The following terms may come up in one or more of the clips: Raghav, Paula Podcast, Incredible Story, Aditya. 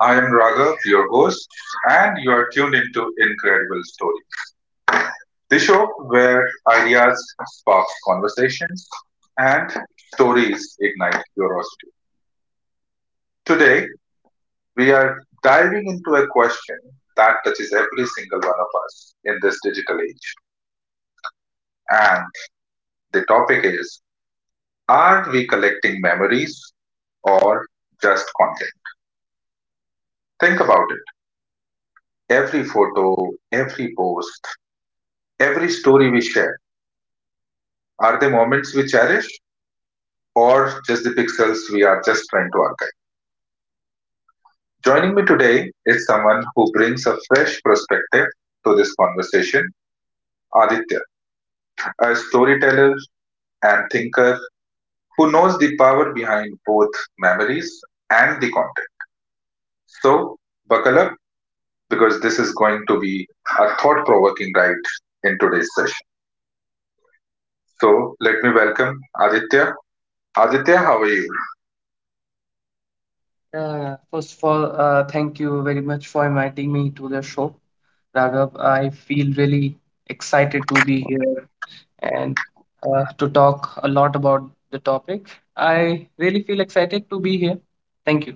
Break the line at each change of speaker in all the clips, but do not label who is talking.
I am Raghav, your host, and you are tuned into Incredible Story, the show where ideas spark conversations and stories ignite curiosity. Today, we are diving into a question that touches every single one of us in this digital age. And the topic is: are we collecting memories or just content? Think about it. Every photo, every post, every story we share, are they moments we cherish or just the pixels we are just trying to archive? Joining me today is someone who brings a fresh perspective to this conversation. Aditya, a storyteller and thinker who knows the power behind both memories and the content. So, buckle up because this is going to be a thought provoking ride in today's session. So, let me welcome Aditya. Aditya, how are you?
First of all, thank you very much for inviting me to the show, Raghav. I feel really excited to be here and to talk a lot about the topic. I really feel excited to be here. Thank you.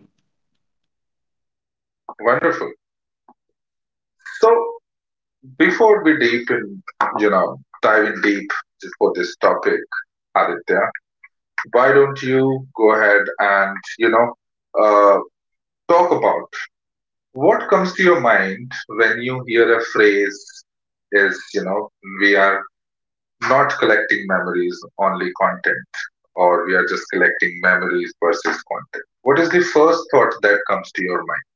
Wonderful. So, before we deep in, dive in deep for this topic, Aditya, why don't you go ahead and, uh, talk about what comes to your mind when you hear a phrase is, we are not collecting memories, only content, or we are just collecting memories versus content. What is the first thought that comes to your mind?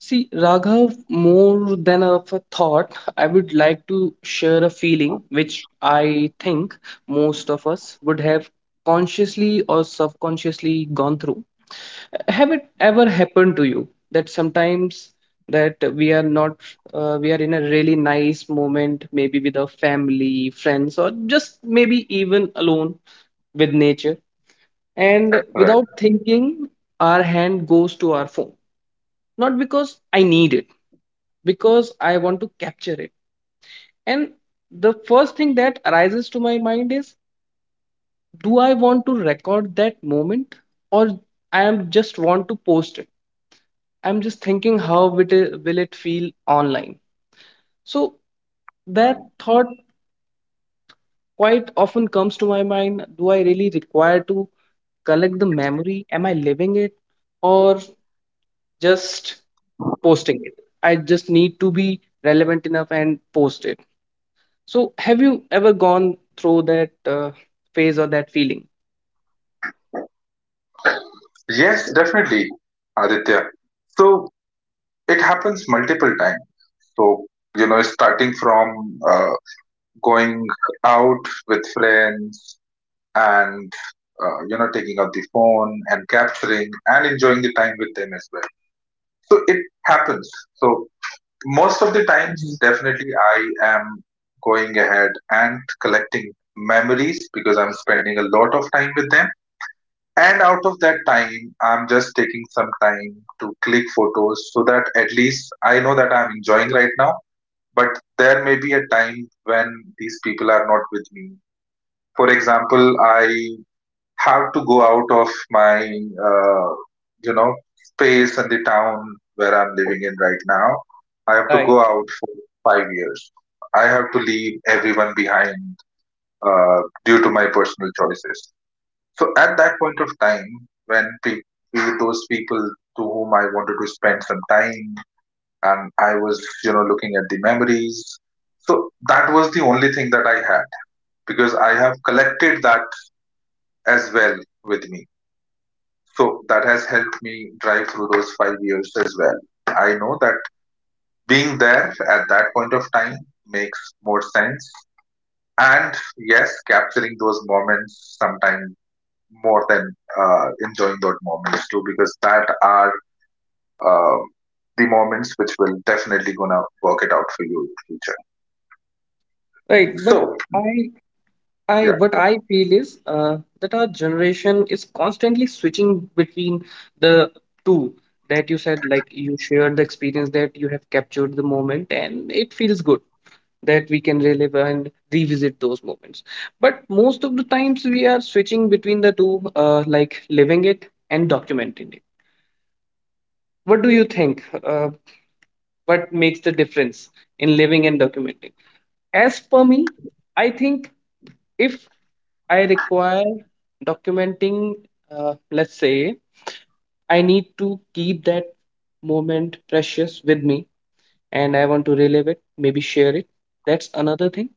See, Raghav, more than of a thought, I would like to share a feeling which I think most of us would have consciously or subconsciously gone through. Have it ever happened to you that sometimes that we are not we are in a really nice moment, maybe with our family, friends, or just maybe even alone with nature, and
Right.
without thinking our hand goes to our phone, not because I need it, because I want to capture it. And the first thing that arises to my mind is, do I want to record that moment, or I am just want to post it? I'm just thinking how will it feel online. So that
Mm.
thought quite often comes to my mind. Do I really require to collect the memory? Am I living it or just posting it? I just need to be relevant enough and post it. So have you ever gone through that uh, phase or that feeling?
Yes, definitely, Aditya. So it happens multiple times. So, starting from going out with friends and, taking out the phone and capturing and enjoying the time with them as well. So it happens. So most of the times,
Mhm.
definitely, I am going ahead and collecting memories because I'm spending a lot of time with them. And out of that time, I'm just taking some time to click photos so that at least I know that I'm enjoying right now. But there may be a time when these people are not with me. For example, I have to go out of my you know space and the town where I'm living in right now. I have to
Right,
go out for 5 years. I have to leave everyone behind, uh, due to my personal choices. So at that point of time, when those people to whom I wanted to spend some time, and I was, looking at the memories, so that was the only thing that I had, because I have collected that as well with me. So that has helped me drive through those 5 years as well. I know that being there at that point of time makes more sense. And yes, capturing those moments sometimes more than enjoying those moments too, because that are uh, the moments which will definitely gonna work it out for you in future.
right. But
So
I I,
yeah,
what I feel is that our generation is constantly switching between the two that you said, like you shared the experience that you have captured the moment, and it feels good that we can relive and revisit those moments. But most of the times we are switching between the two, like living it and documenting it. What do you think? What makes the difference in living and documenting? As per me, I think, if I require documenting, let's say I need to keep that moment precious with me and I want to relive it, maybe share it. That's another thing.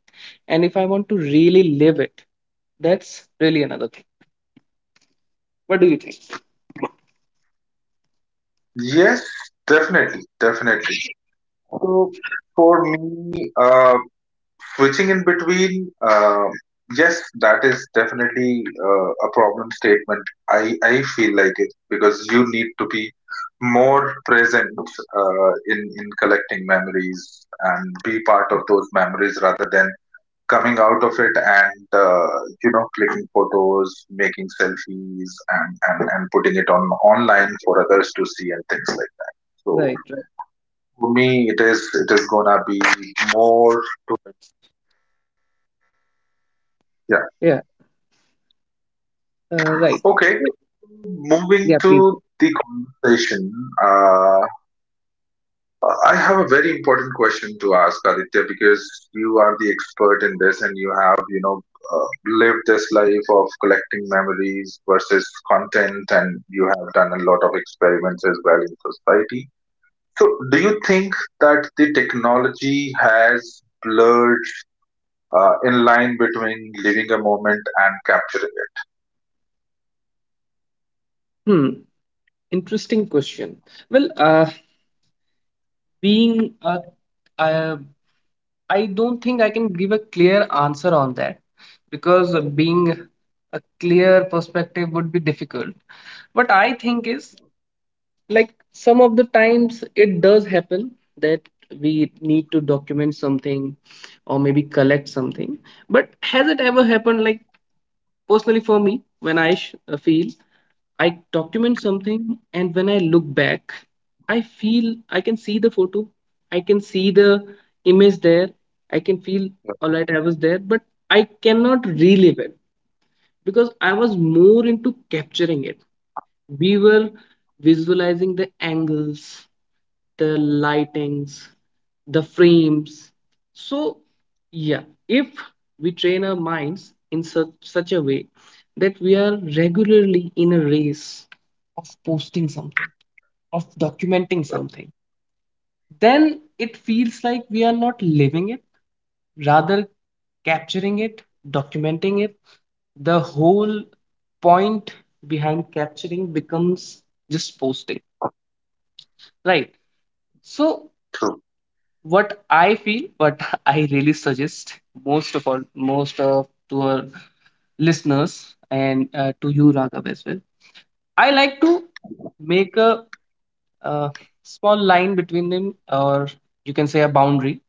And if I want to really live it, that's really another thing. What do you think?
yes, definitely, definitely. So for me, switching in between, um, yes that is definitely a problem statement, i I feel like it, because you need to be more present in collecting memories and be part of those memories rather than coming out of it and, clicking photos, making selfies, and, and putting it on online for others to see and things like that. So
Right, right.
for me, it is gonna be more.
Yeah, right.
Okay,
So—
moving
Yeah, please.
to the conversation, uh, I have a very important question to ask Aditya, because you are the expert in this and you have, uh, lived this life of collecting memories versus content, and you have done a lot of experiments as well in society. So, do you think that the technology has blurred in line between living a moment and capturing it?
Hmm, interesting question. Well, being a I don't think I can give a clear answer on that because being a clear perspective would be difficult. What I think is, like, some of the times it does happen that we need to document something or maybe collect something. But has it ever happened like, personally, for me, when I feel I document something, and when I look back, I feel I can see the photo, I can see the image there, I can feel, all right, I was there, but I cannot relive it because I was more into capturing it. We were visualizing the angles, the lightings, the frames. So, yeah, if we train our minds in such a way that we are regularly in a race of posting something, of documenting something, then it feels like we are not living it, rather capturing it, documenting it. The whole point behind capturing becomes just posting, right? So what I feel, what I really suggest most of all, most of to our listeners and to you, Raghav, as well. I like to make a, uh small line between them, or you can say a boundary.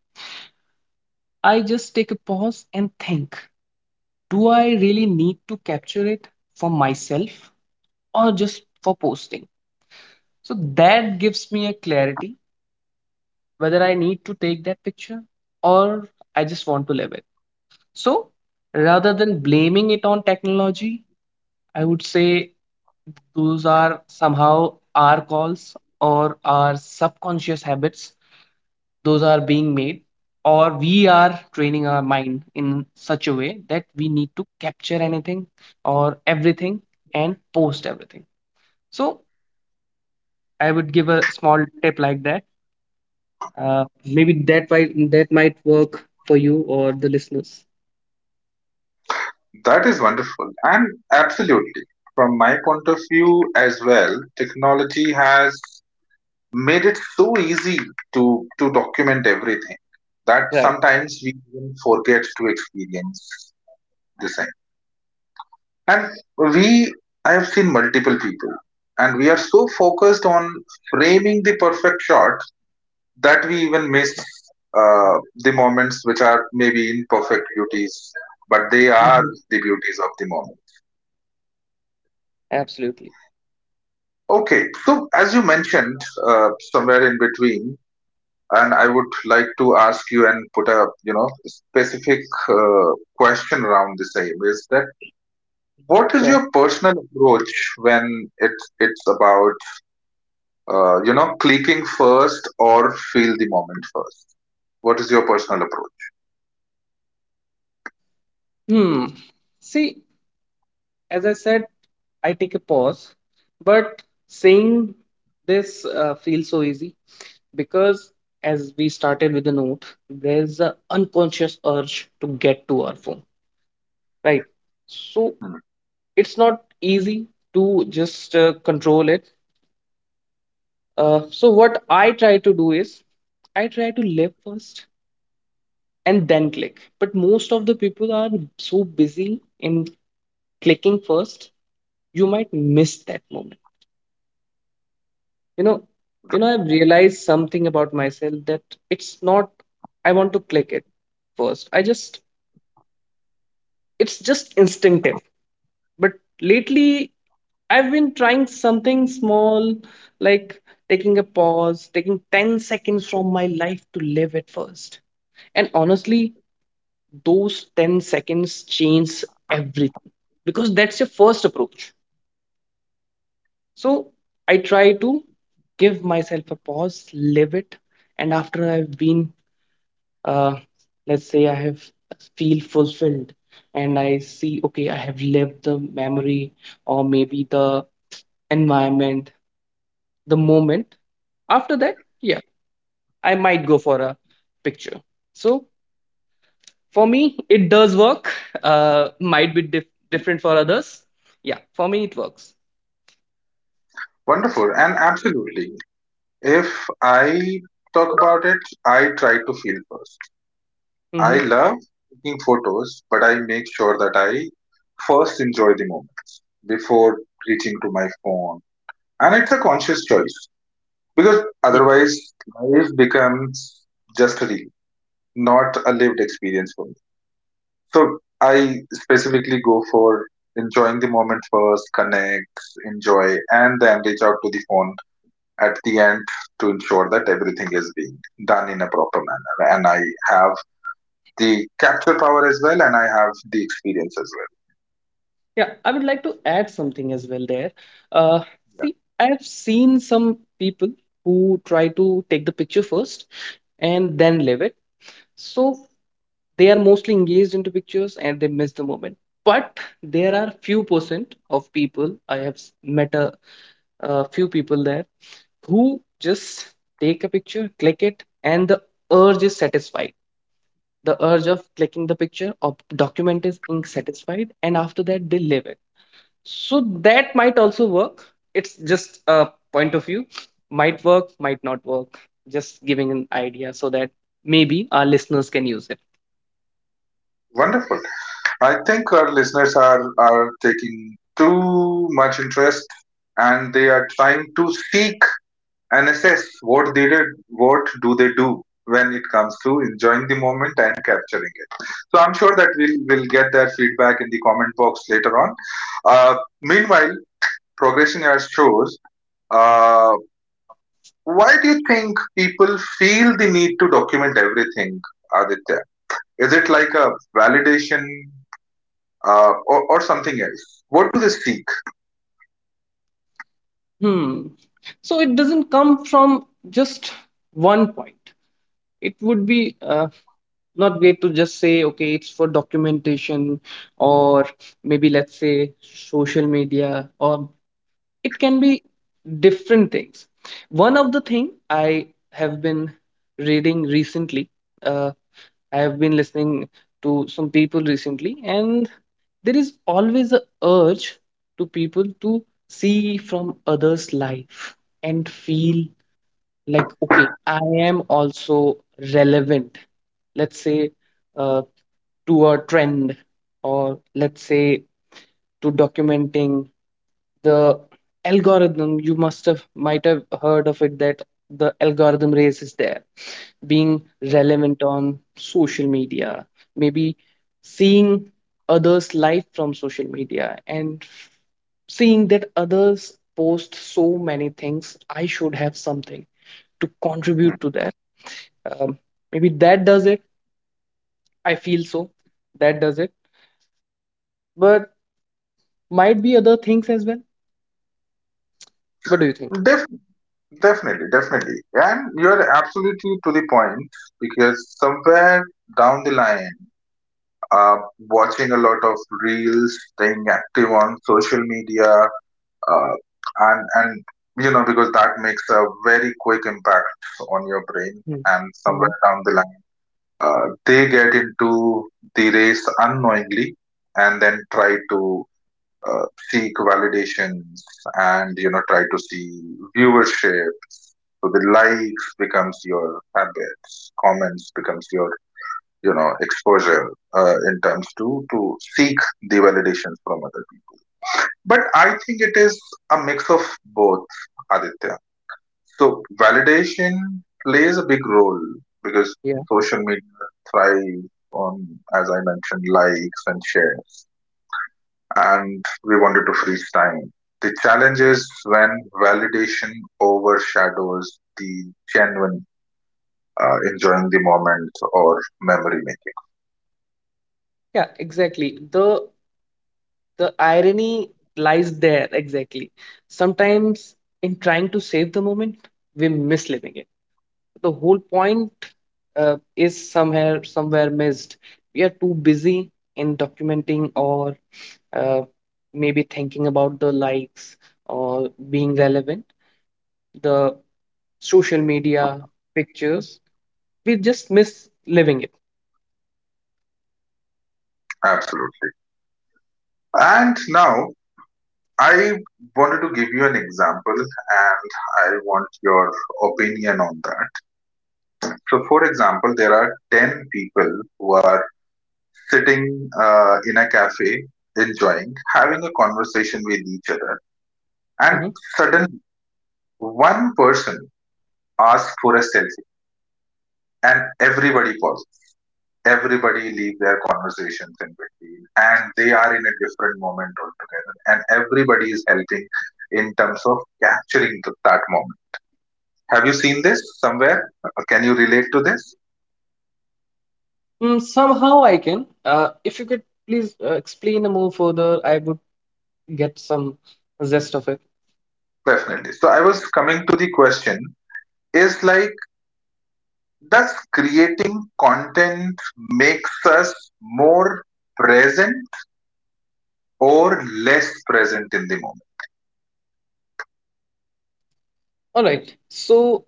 I just take a pause and think, do I really need to capture it for myself or just for posting? So that gives me a clarity whether I need to take that picture or I just want to live it. So rather than blaming it on technology, I would say those are somehow our calls or our subconscious habits. Those are being made, or we are training our mind in such a way that we need to capture anything or everything and post everything. So I would give a small tip like that. Maybe that might work for you or the listeners.
That is wonderful. And absolutely, from my point of view as well, technology has made it so easy to document everything that
Right.
sometimes we even forget to experience the same. And we, I have seen multiple people, and we are so focused on framing the perfect shot that we even miss the moments which are maybe imperfect beauties, but they are
Mhm.
the beauties of the moment.
Absolutely.
Okay, so as you mentioned, somewhere in between, and I would like to ask you and put a, specific uh, question around the same, is that what is
Sure.
your personal approach when it's about, clicking first or feel the moment first? What is your personal approach?
Hmm. See, as I said, I take a pause, but saying this feels so easy because, as we started with the note, there's an unconscious urge to get to our phone, right? So
Hmm.
it's not easy to just control it. So what I try to do is I try to live first and then click. But most of the people are so busy in clicking first, you might miss that moment, you know. I've realized something about myself that it's not I want to click it first, I just, it's just instinctive. But lately I've been trying something small, like taking a pause, taking 10 seconds from my life to live it first. And honestly, those 10 seconds change everything because that's your first approach. So I try to give myself a pause, live it, and after I've been, uh, let's say, I have feel fulfilled, and I see, okay, I have lived the memory or maybe the environment, the moment. After that, yeah, I might go for a picture. So for me, it does work. Might be different for others. Yeah, for me, it works.
Wonderful, and absolutely. If I talk about it, I try to feel first. I
Mm-hmm.
love taking photos, but I make sure that I first enjoy the moments before reaching to my phone. And it's a conscious choice, because
Yeah.
otherwise life becomes just a reel, not a lived experience for me. So I specifically go for enjoying the moment first, connect, enjoy, and then reach out to the phone at the end to ensure that everything is being done in a proper manner, and I have the capture power as well, and I have the experience as well.
Yeah, I would like to add something as well there. Uh, see, I have seen some people who try to take the picture first and then live it. So they are mostly engaged into pictures and they miss the moment. But there are few percent of people I have met, a few people there, who just take a picture, click it, and the urge is satisfied. The urge of clicking the picture or document is satisfied, and after that they live it. So that might also work. It's just a point of view. Might work, might not work. Just giving an idea so that maybe our listeners can use it.
Yeah. Wonderful. I think our listeners are taking too much interest, and they are trying to seek and assess what they did, what do they do when it comes to enjoying the moment and capturing it. So I'm sure that we'll get their feedback in the comment box later on. Uh, Meanwhile, progressing our shows. Uh, why do you think people feel the need to document everything, Aditya? Is it like a validation, or something else? What do they seek?
Hmm. So it doesn't come from just one point. It would be not great to just say, okay, it's for documentation, or maybe let's say social media, or it can be different things. One of the thing I have been reading recently, uh, I have been listening to some people recently, and there is always a urge to people to see from others' life and feel like, okay, I am also relevant, let's say uh, to a trend, or let's say to documenting. The algorithm, you must have, might have, heard of it, that the algorithm race is there, being
Right.
relevant on social media, maybe seeing others' life from social media, and seeing that others post so many things I should have something to
Hmm.
contribute to that. um, Maybe that does it, I feel so, that does it. But might be other things as well. What do you think?
Def- Definitely, definitely. And you're absolutely to the point, because somewhere down the line, uh, watching a lot of reels, staying active on social media, uh, and, because that makes a very quick impact on your brain, and
Mm-hmm.
somewhere down the line, they get into the race unknowingly, and then try to seek validations, and try to see viewership. So the likes becomes your habits, comments becomes your, exposure in terms to seek the validation from other people. But I think it is a mix of both, Aditya. So validation plays a big role, because social media thrives on, as I mentioned, likes and shares, and we wanted to freeze time. The challenge is when validation overshadows the genuine, enjoying the moment or memory making.
Yeah, exactly. The irony lies there exactly. Sometimes in trying to save the moment, we miss living it. The whole point is somewhere missed. We are too busy in documenting or uh, maybe thinking about the likes or being relevant, the social media pictures. We just miss living it.
Absolutely. And now I wanted to give you an example and I want your opinion on that. So, for example, there are 10 people who are sitting in a cafe, enjoying, having a conversation with each other, and
Hmm.
suddenly one person ask for a selfie, and everybody pauses, everybody leave their conversations in between, and they are in a different moment altogether, and everybody is helping in terms of capturing that moment. Have you seen this somewhere? Can you relate to this?
Mm, somehow I can. If you could please explain a more further, I would get some zest of it.
Definitely. So I was coming to the question, is like, does creating content makes us more present or less present in the moment
All right. So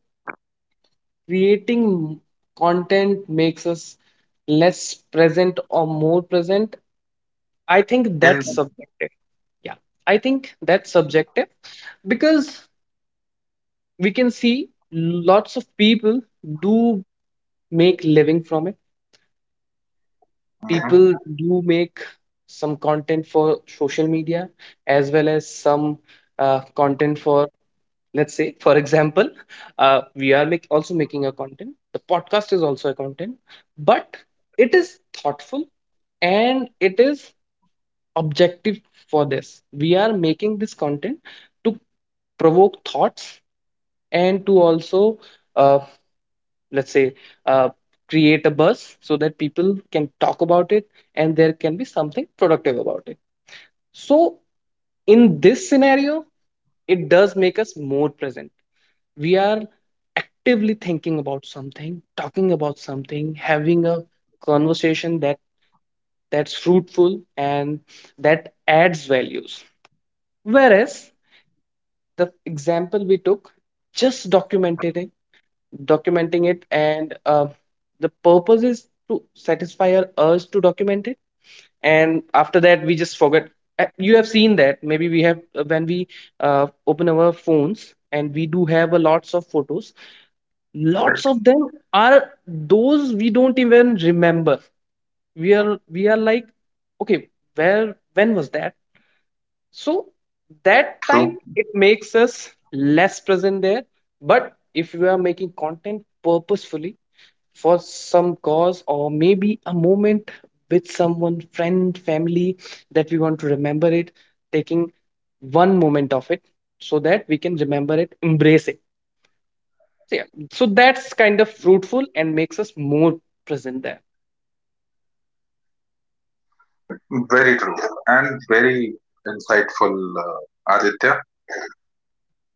creating content makes us less present or more present. I think that's
in
subjective. Yeah, I think that's subjective because we can see lots of people do make living from it.
Mhm.
People do make some content for social media as well as some content for, let's say, for example, we are also making a content. The podcast is also a content. But it is thoughtful and it is objective. For this we are making this content to provoke thoughts, and to also, uh, let's say uh, create a buzz so that people can talk about it and there can be something productive about it. So in this scenario, it does make us more present. We are actively thinking about something, talking about something, having a conversation that that's fruitful and that adds values. Whereas the example we took, just documenting it, and the purpose is to satisfy our urge to document it, and after that we just forget. You have seen that, maybe we have, when we uh, open our phones, and we do have a lots of photos,
Right.
lots of them are, those we don't even remember. We are like, okay, where, when was that? So that time
True.
it makes us less present there. But if we are making content purposefully for some cause or maybe a moment with someone, friend, family, that we want to remember it, taking one moment of it so that we can remember it, embrace it. So, yeah, so that's kind of fruitful and makes us more present there.
Very true and very insightful, Aditya.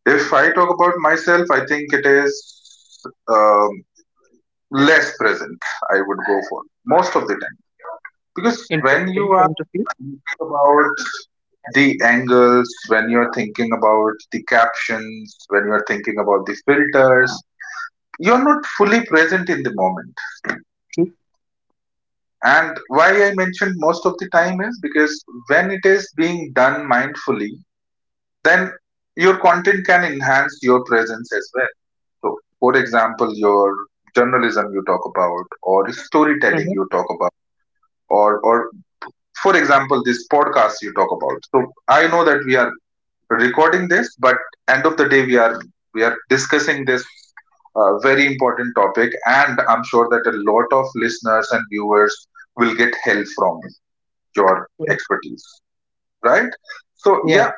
If I talk about myself, I think it is, um, less present, I would go for most of the time. Because when you
Interesting
are
point of view.
thinking about the angles, when you're thinking about the captions, when you're thinking about the filters, you're not fully present in the moment.
True.
And why I mentioned most of the time is because when it is being done mindfully, then your content can enhance your presence as well. So, for example, your journalism you talk about, or storytelling
Mhm.
you talk about, or for example, this podcast you talk about. So, I know that we are recording this, but end of the day, we are discussing this very important topic, and I'm sure that a lot of listeners and viewers will get help from your
Yeah,
expertise, right? So, yeah,
yeah.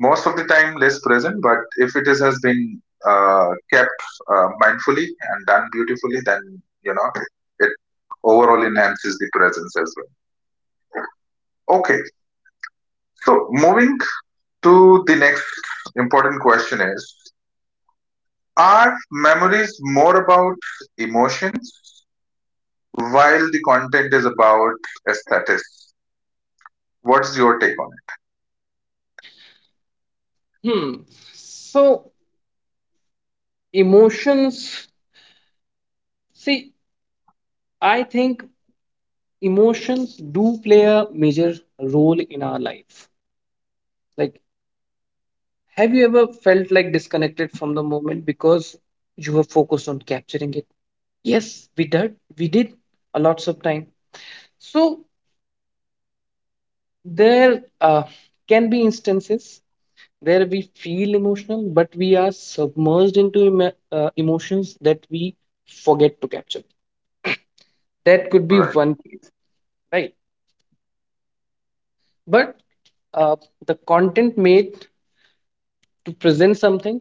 most of the time less present, but if it is has been kept mindfully and done beautifully, then, you know, it overall enhances the presence as well. Okay, so moving to the next important question is, are memories more about emotions while the content is about aesthetics? What's your take on it?
Hmm. So emotions, see, I think emotions do play a major role in our life. Like, have you ever felt like disconnected from the moment because you were focused on capturing it? Yes, we did. We did a lots of time. So there can be instances where we feel emotional, but we are submerged into emotions that we forget to capture. That could be
Right,
one case, right? But uh, the content made to present something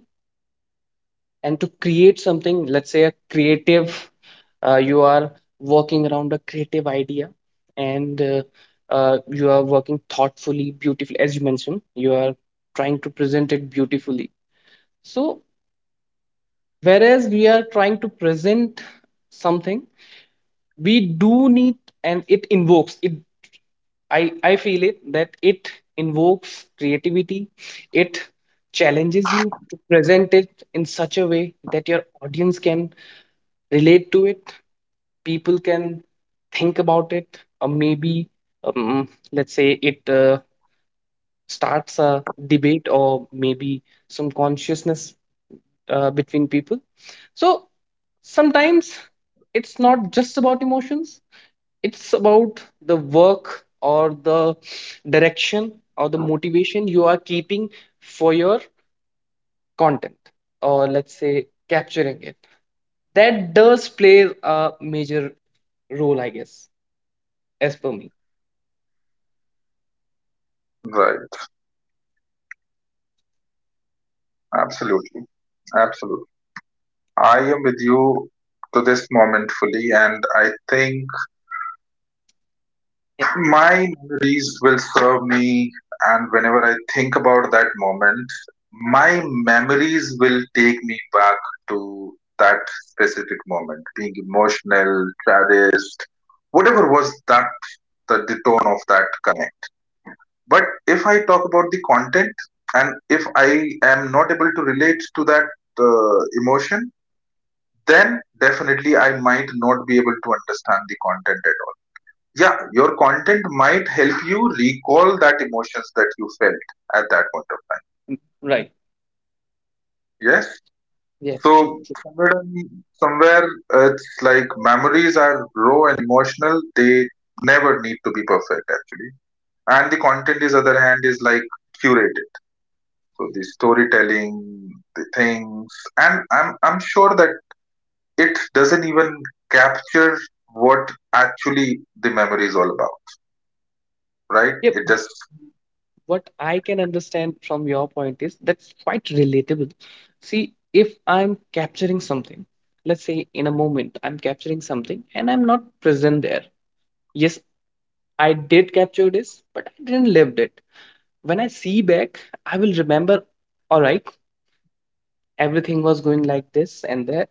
and to create something, let's say a creative you are working around a creative idea and you are working thoughtfully, beautifully, as you mentioned you are trying to present it beautifully. So whereas we are trying to present something, we do need, and it invokes it, I feel it, that it invokes creativity. It challenges you to present it in such a way that your audience can relate to it, people can think about it, or maybe let's say it starts a debate or maybe some consciousness between people. So sometimes it's not just about emotions, it's about the work or the direction or the motivation you are keeping for your content, or let's say capturing it. That does play a major role, I guess, as per me.
right. Absolutely, absolutely. I am with you to this moment fully, and I think
Yeah.
my memories will serve me, and whenever I think about that moment, my memories will take me back to that specific moment, being emotional, saddest, whatever was that, the tone of that connect. But if I talk about the content, and if I am not able to relate to that emotion, then definitely I might not be able to understand the content at all. Yeah, your content might help you recall that emotions that you felt at that point of time.
Mm, right.
Yes. So
Yes, true, true.
somewhere somewhere, it's like memories are raw and emotional, they never need to be perfect actually. And the content is other hand is like curated, so the storytelling, the things, and I'm sure that it doesn't even capture what actually the memory is all about. Right,
Yep.
it just.
What I can understand from your point is that's quite relatable. See, if I'm capturing something, let's say in a moment, I'm capturing something and I'm not present there. Yes, I did capture this, but I didn't lived it. When I see back, I will remember, all right, everything was going like this and that.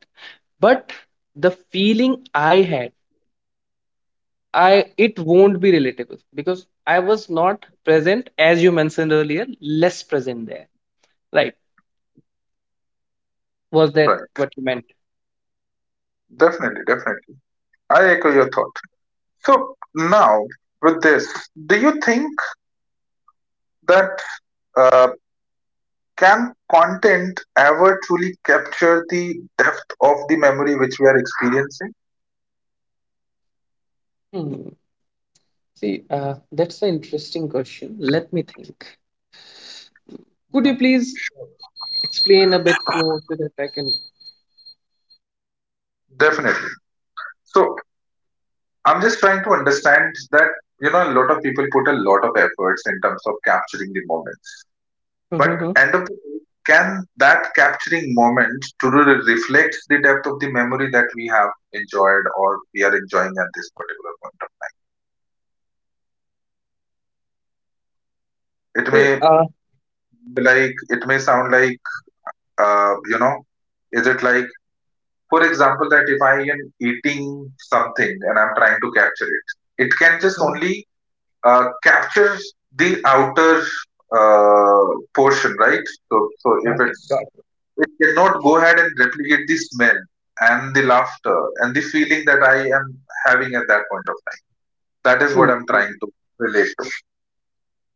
But the feeling I had, I it won't be relatable because I was not present, as you mentioned earlier, less present there. Right? Was that
Right,
what you meant?
definitely, definitely, I echo your thought. So now with this, do you think that uh, can content ever truly capture the depth of the memory which we are experiencing?
Hmm. See, that's an interesting question. Let me think. Could you please
Sure.
explain a bit more so that I can?
Definitely. So I'm just trying to understand that, a lot of people put a lot of efforts in terms of capturing the moments, but
Mm-hmm.
end of the day, can that capturing moment truly reflect the depth of the memory that we have enjoyed or we are enjoying at this particular point of time? It may,
Uh,
like it may sound like, uh, you know is it like, for example, that if I am eating something and I'm trying to capture it, it can just
mhm.
only capture the outer uh, portion, right? So if
Got it.
it's,
Got it.
it cannot go ahead and replicate the smell and the laughter and the feeling that I am having at that point of time. That is what
True.
I'm
True.
trying to relate to.
True.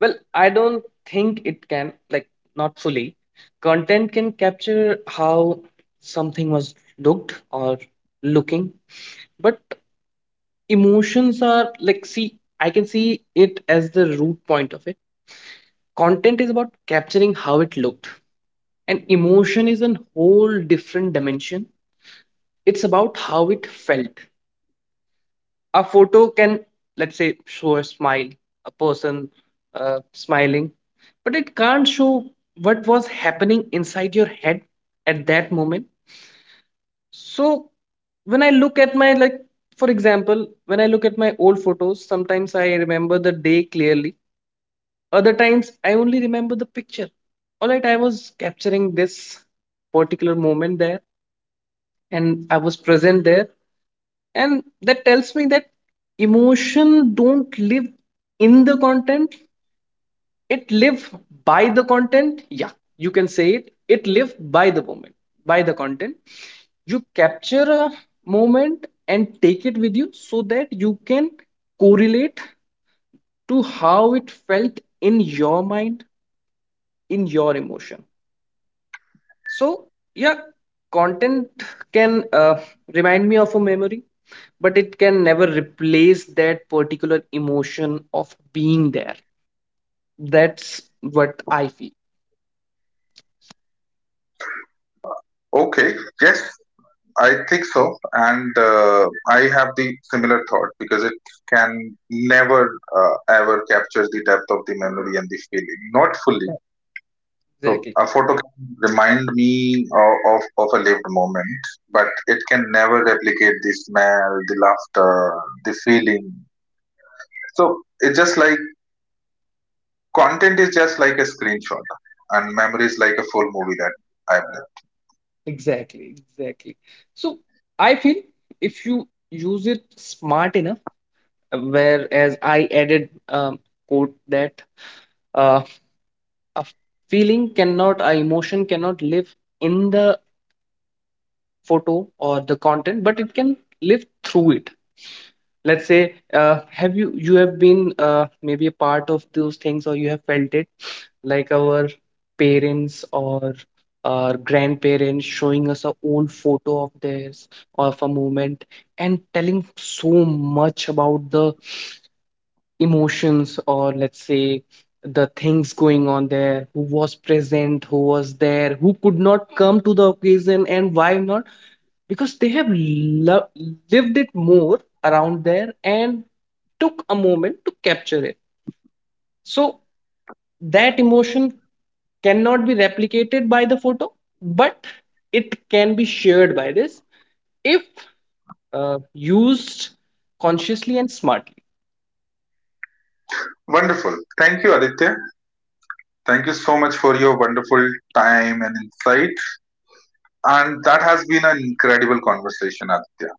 Well, I don't think it can. Like, not fully. Content can capture how something was looked or looking, but emotions are like, see, I can see it as the root point of it. Content is about capturing how it looked, and emotion is a whole different dimension. It's about how it felt. A photo can, let's say, show a smile, a person smiling, but it can't show what was happening inside your head at that moment. So when I look at my, like, for example, when I look at my old photos, sometimes I remember the day clearly. Other times, I only remember the picture. All right, I was capturing this particular moment there and I was present there. And that tells me that emotion don't live in the content, it live by the content. Yeah, you can say it. It live by the moment, by the content. You capture a moment and take it with you so that you can correlate to how it felt in your mind, in your emotion. So, yeah, content can remind me of a memory, but it can never replace that particular emotion of being there. That's what I feel.
Okay. Yes, I think so, and I have the similar thought, because it can never ever capture the depth of the memory and the feeling. Not fully.
Yeah.
So
Exactly,
a photo can remind me of a lived moment, but it can never replicate the smell, the laughter, the feeling. So it's just like content is just like a screenshot, and memory is like a full movie that I've done.
exactly. So, I feel if you use it smart enough, whereas I added quote that uh, a feeling cannot, a emotion cannot live in the photo or the content, but it can live through it. Let's say have you have been maybe a part of those things, or you have felt it, like our parents or our grandparents showing us a old photo of theirs or of a moment, and telling so much about the emotions, or let's say the things going on there, who was present, who was there, who could not come to the occasion and why not, because they have lived it more around there and took a moment to capture it. So that emotion cannot be replicated by the photo, but it can be shared by this if used consciously and smartly.
Wonderful. Thank you, Aditya. Thank you so much for your wonderful time and insight. And that has been an incredible conversation, Aditya.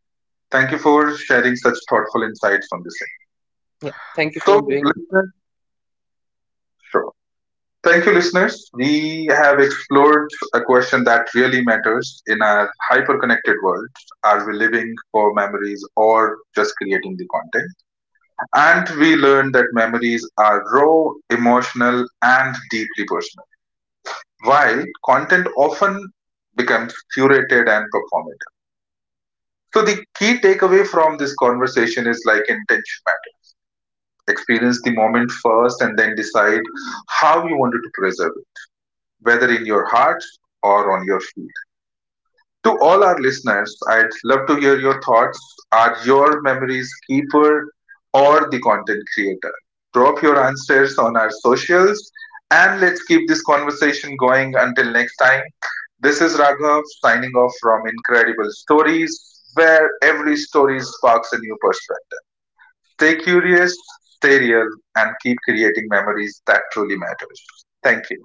Thank you for sharing such thoughtful insights on this. Thing.
Yeah, thank you for
So,
doing
listeners, sure. Thank you, listeners. We have explored a question that really matters in our hyper-connected world. Are we living for memories or just creating the content? And we learned that memories are raw, emotional, and deeply personal, while content often becomes curated and performative. So the key takeaway from this conversation is like intentionality. Experience the moment first and then decide how you wanted to preserve it, whether in your heart or on your feet. To all our listeners, I'd love to hear your thoughts. Are your memories keeper or the content creator? Drop your answers on our socials and let's keep this conversation going until next time. This is Raghav signing off from Incredible Stories, where every story sparks a new perspective. Stay curious, stay real, and keep creating memories that truly matters. Thank you.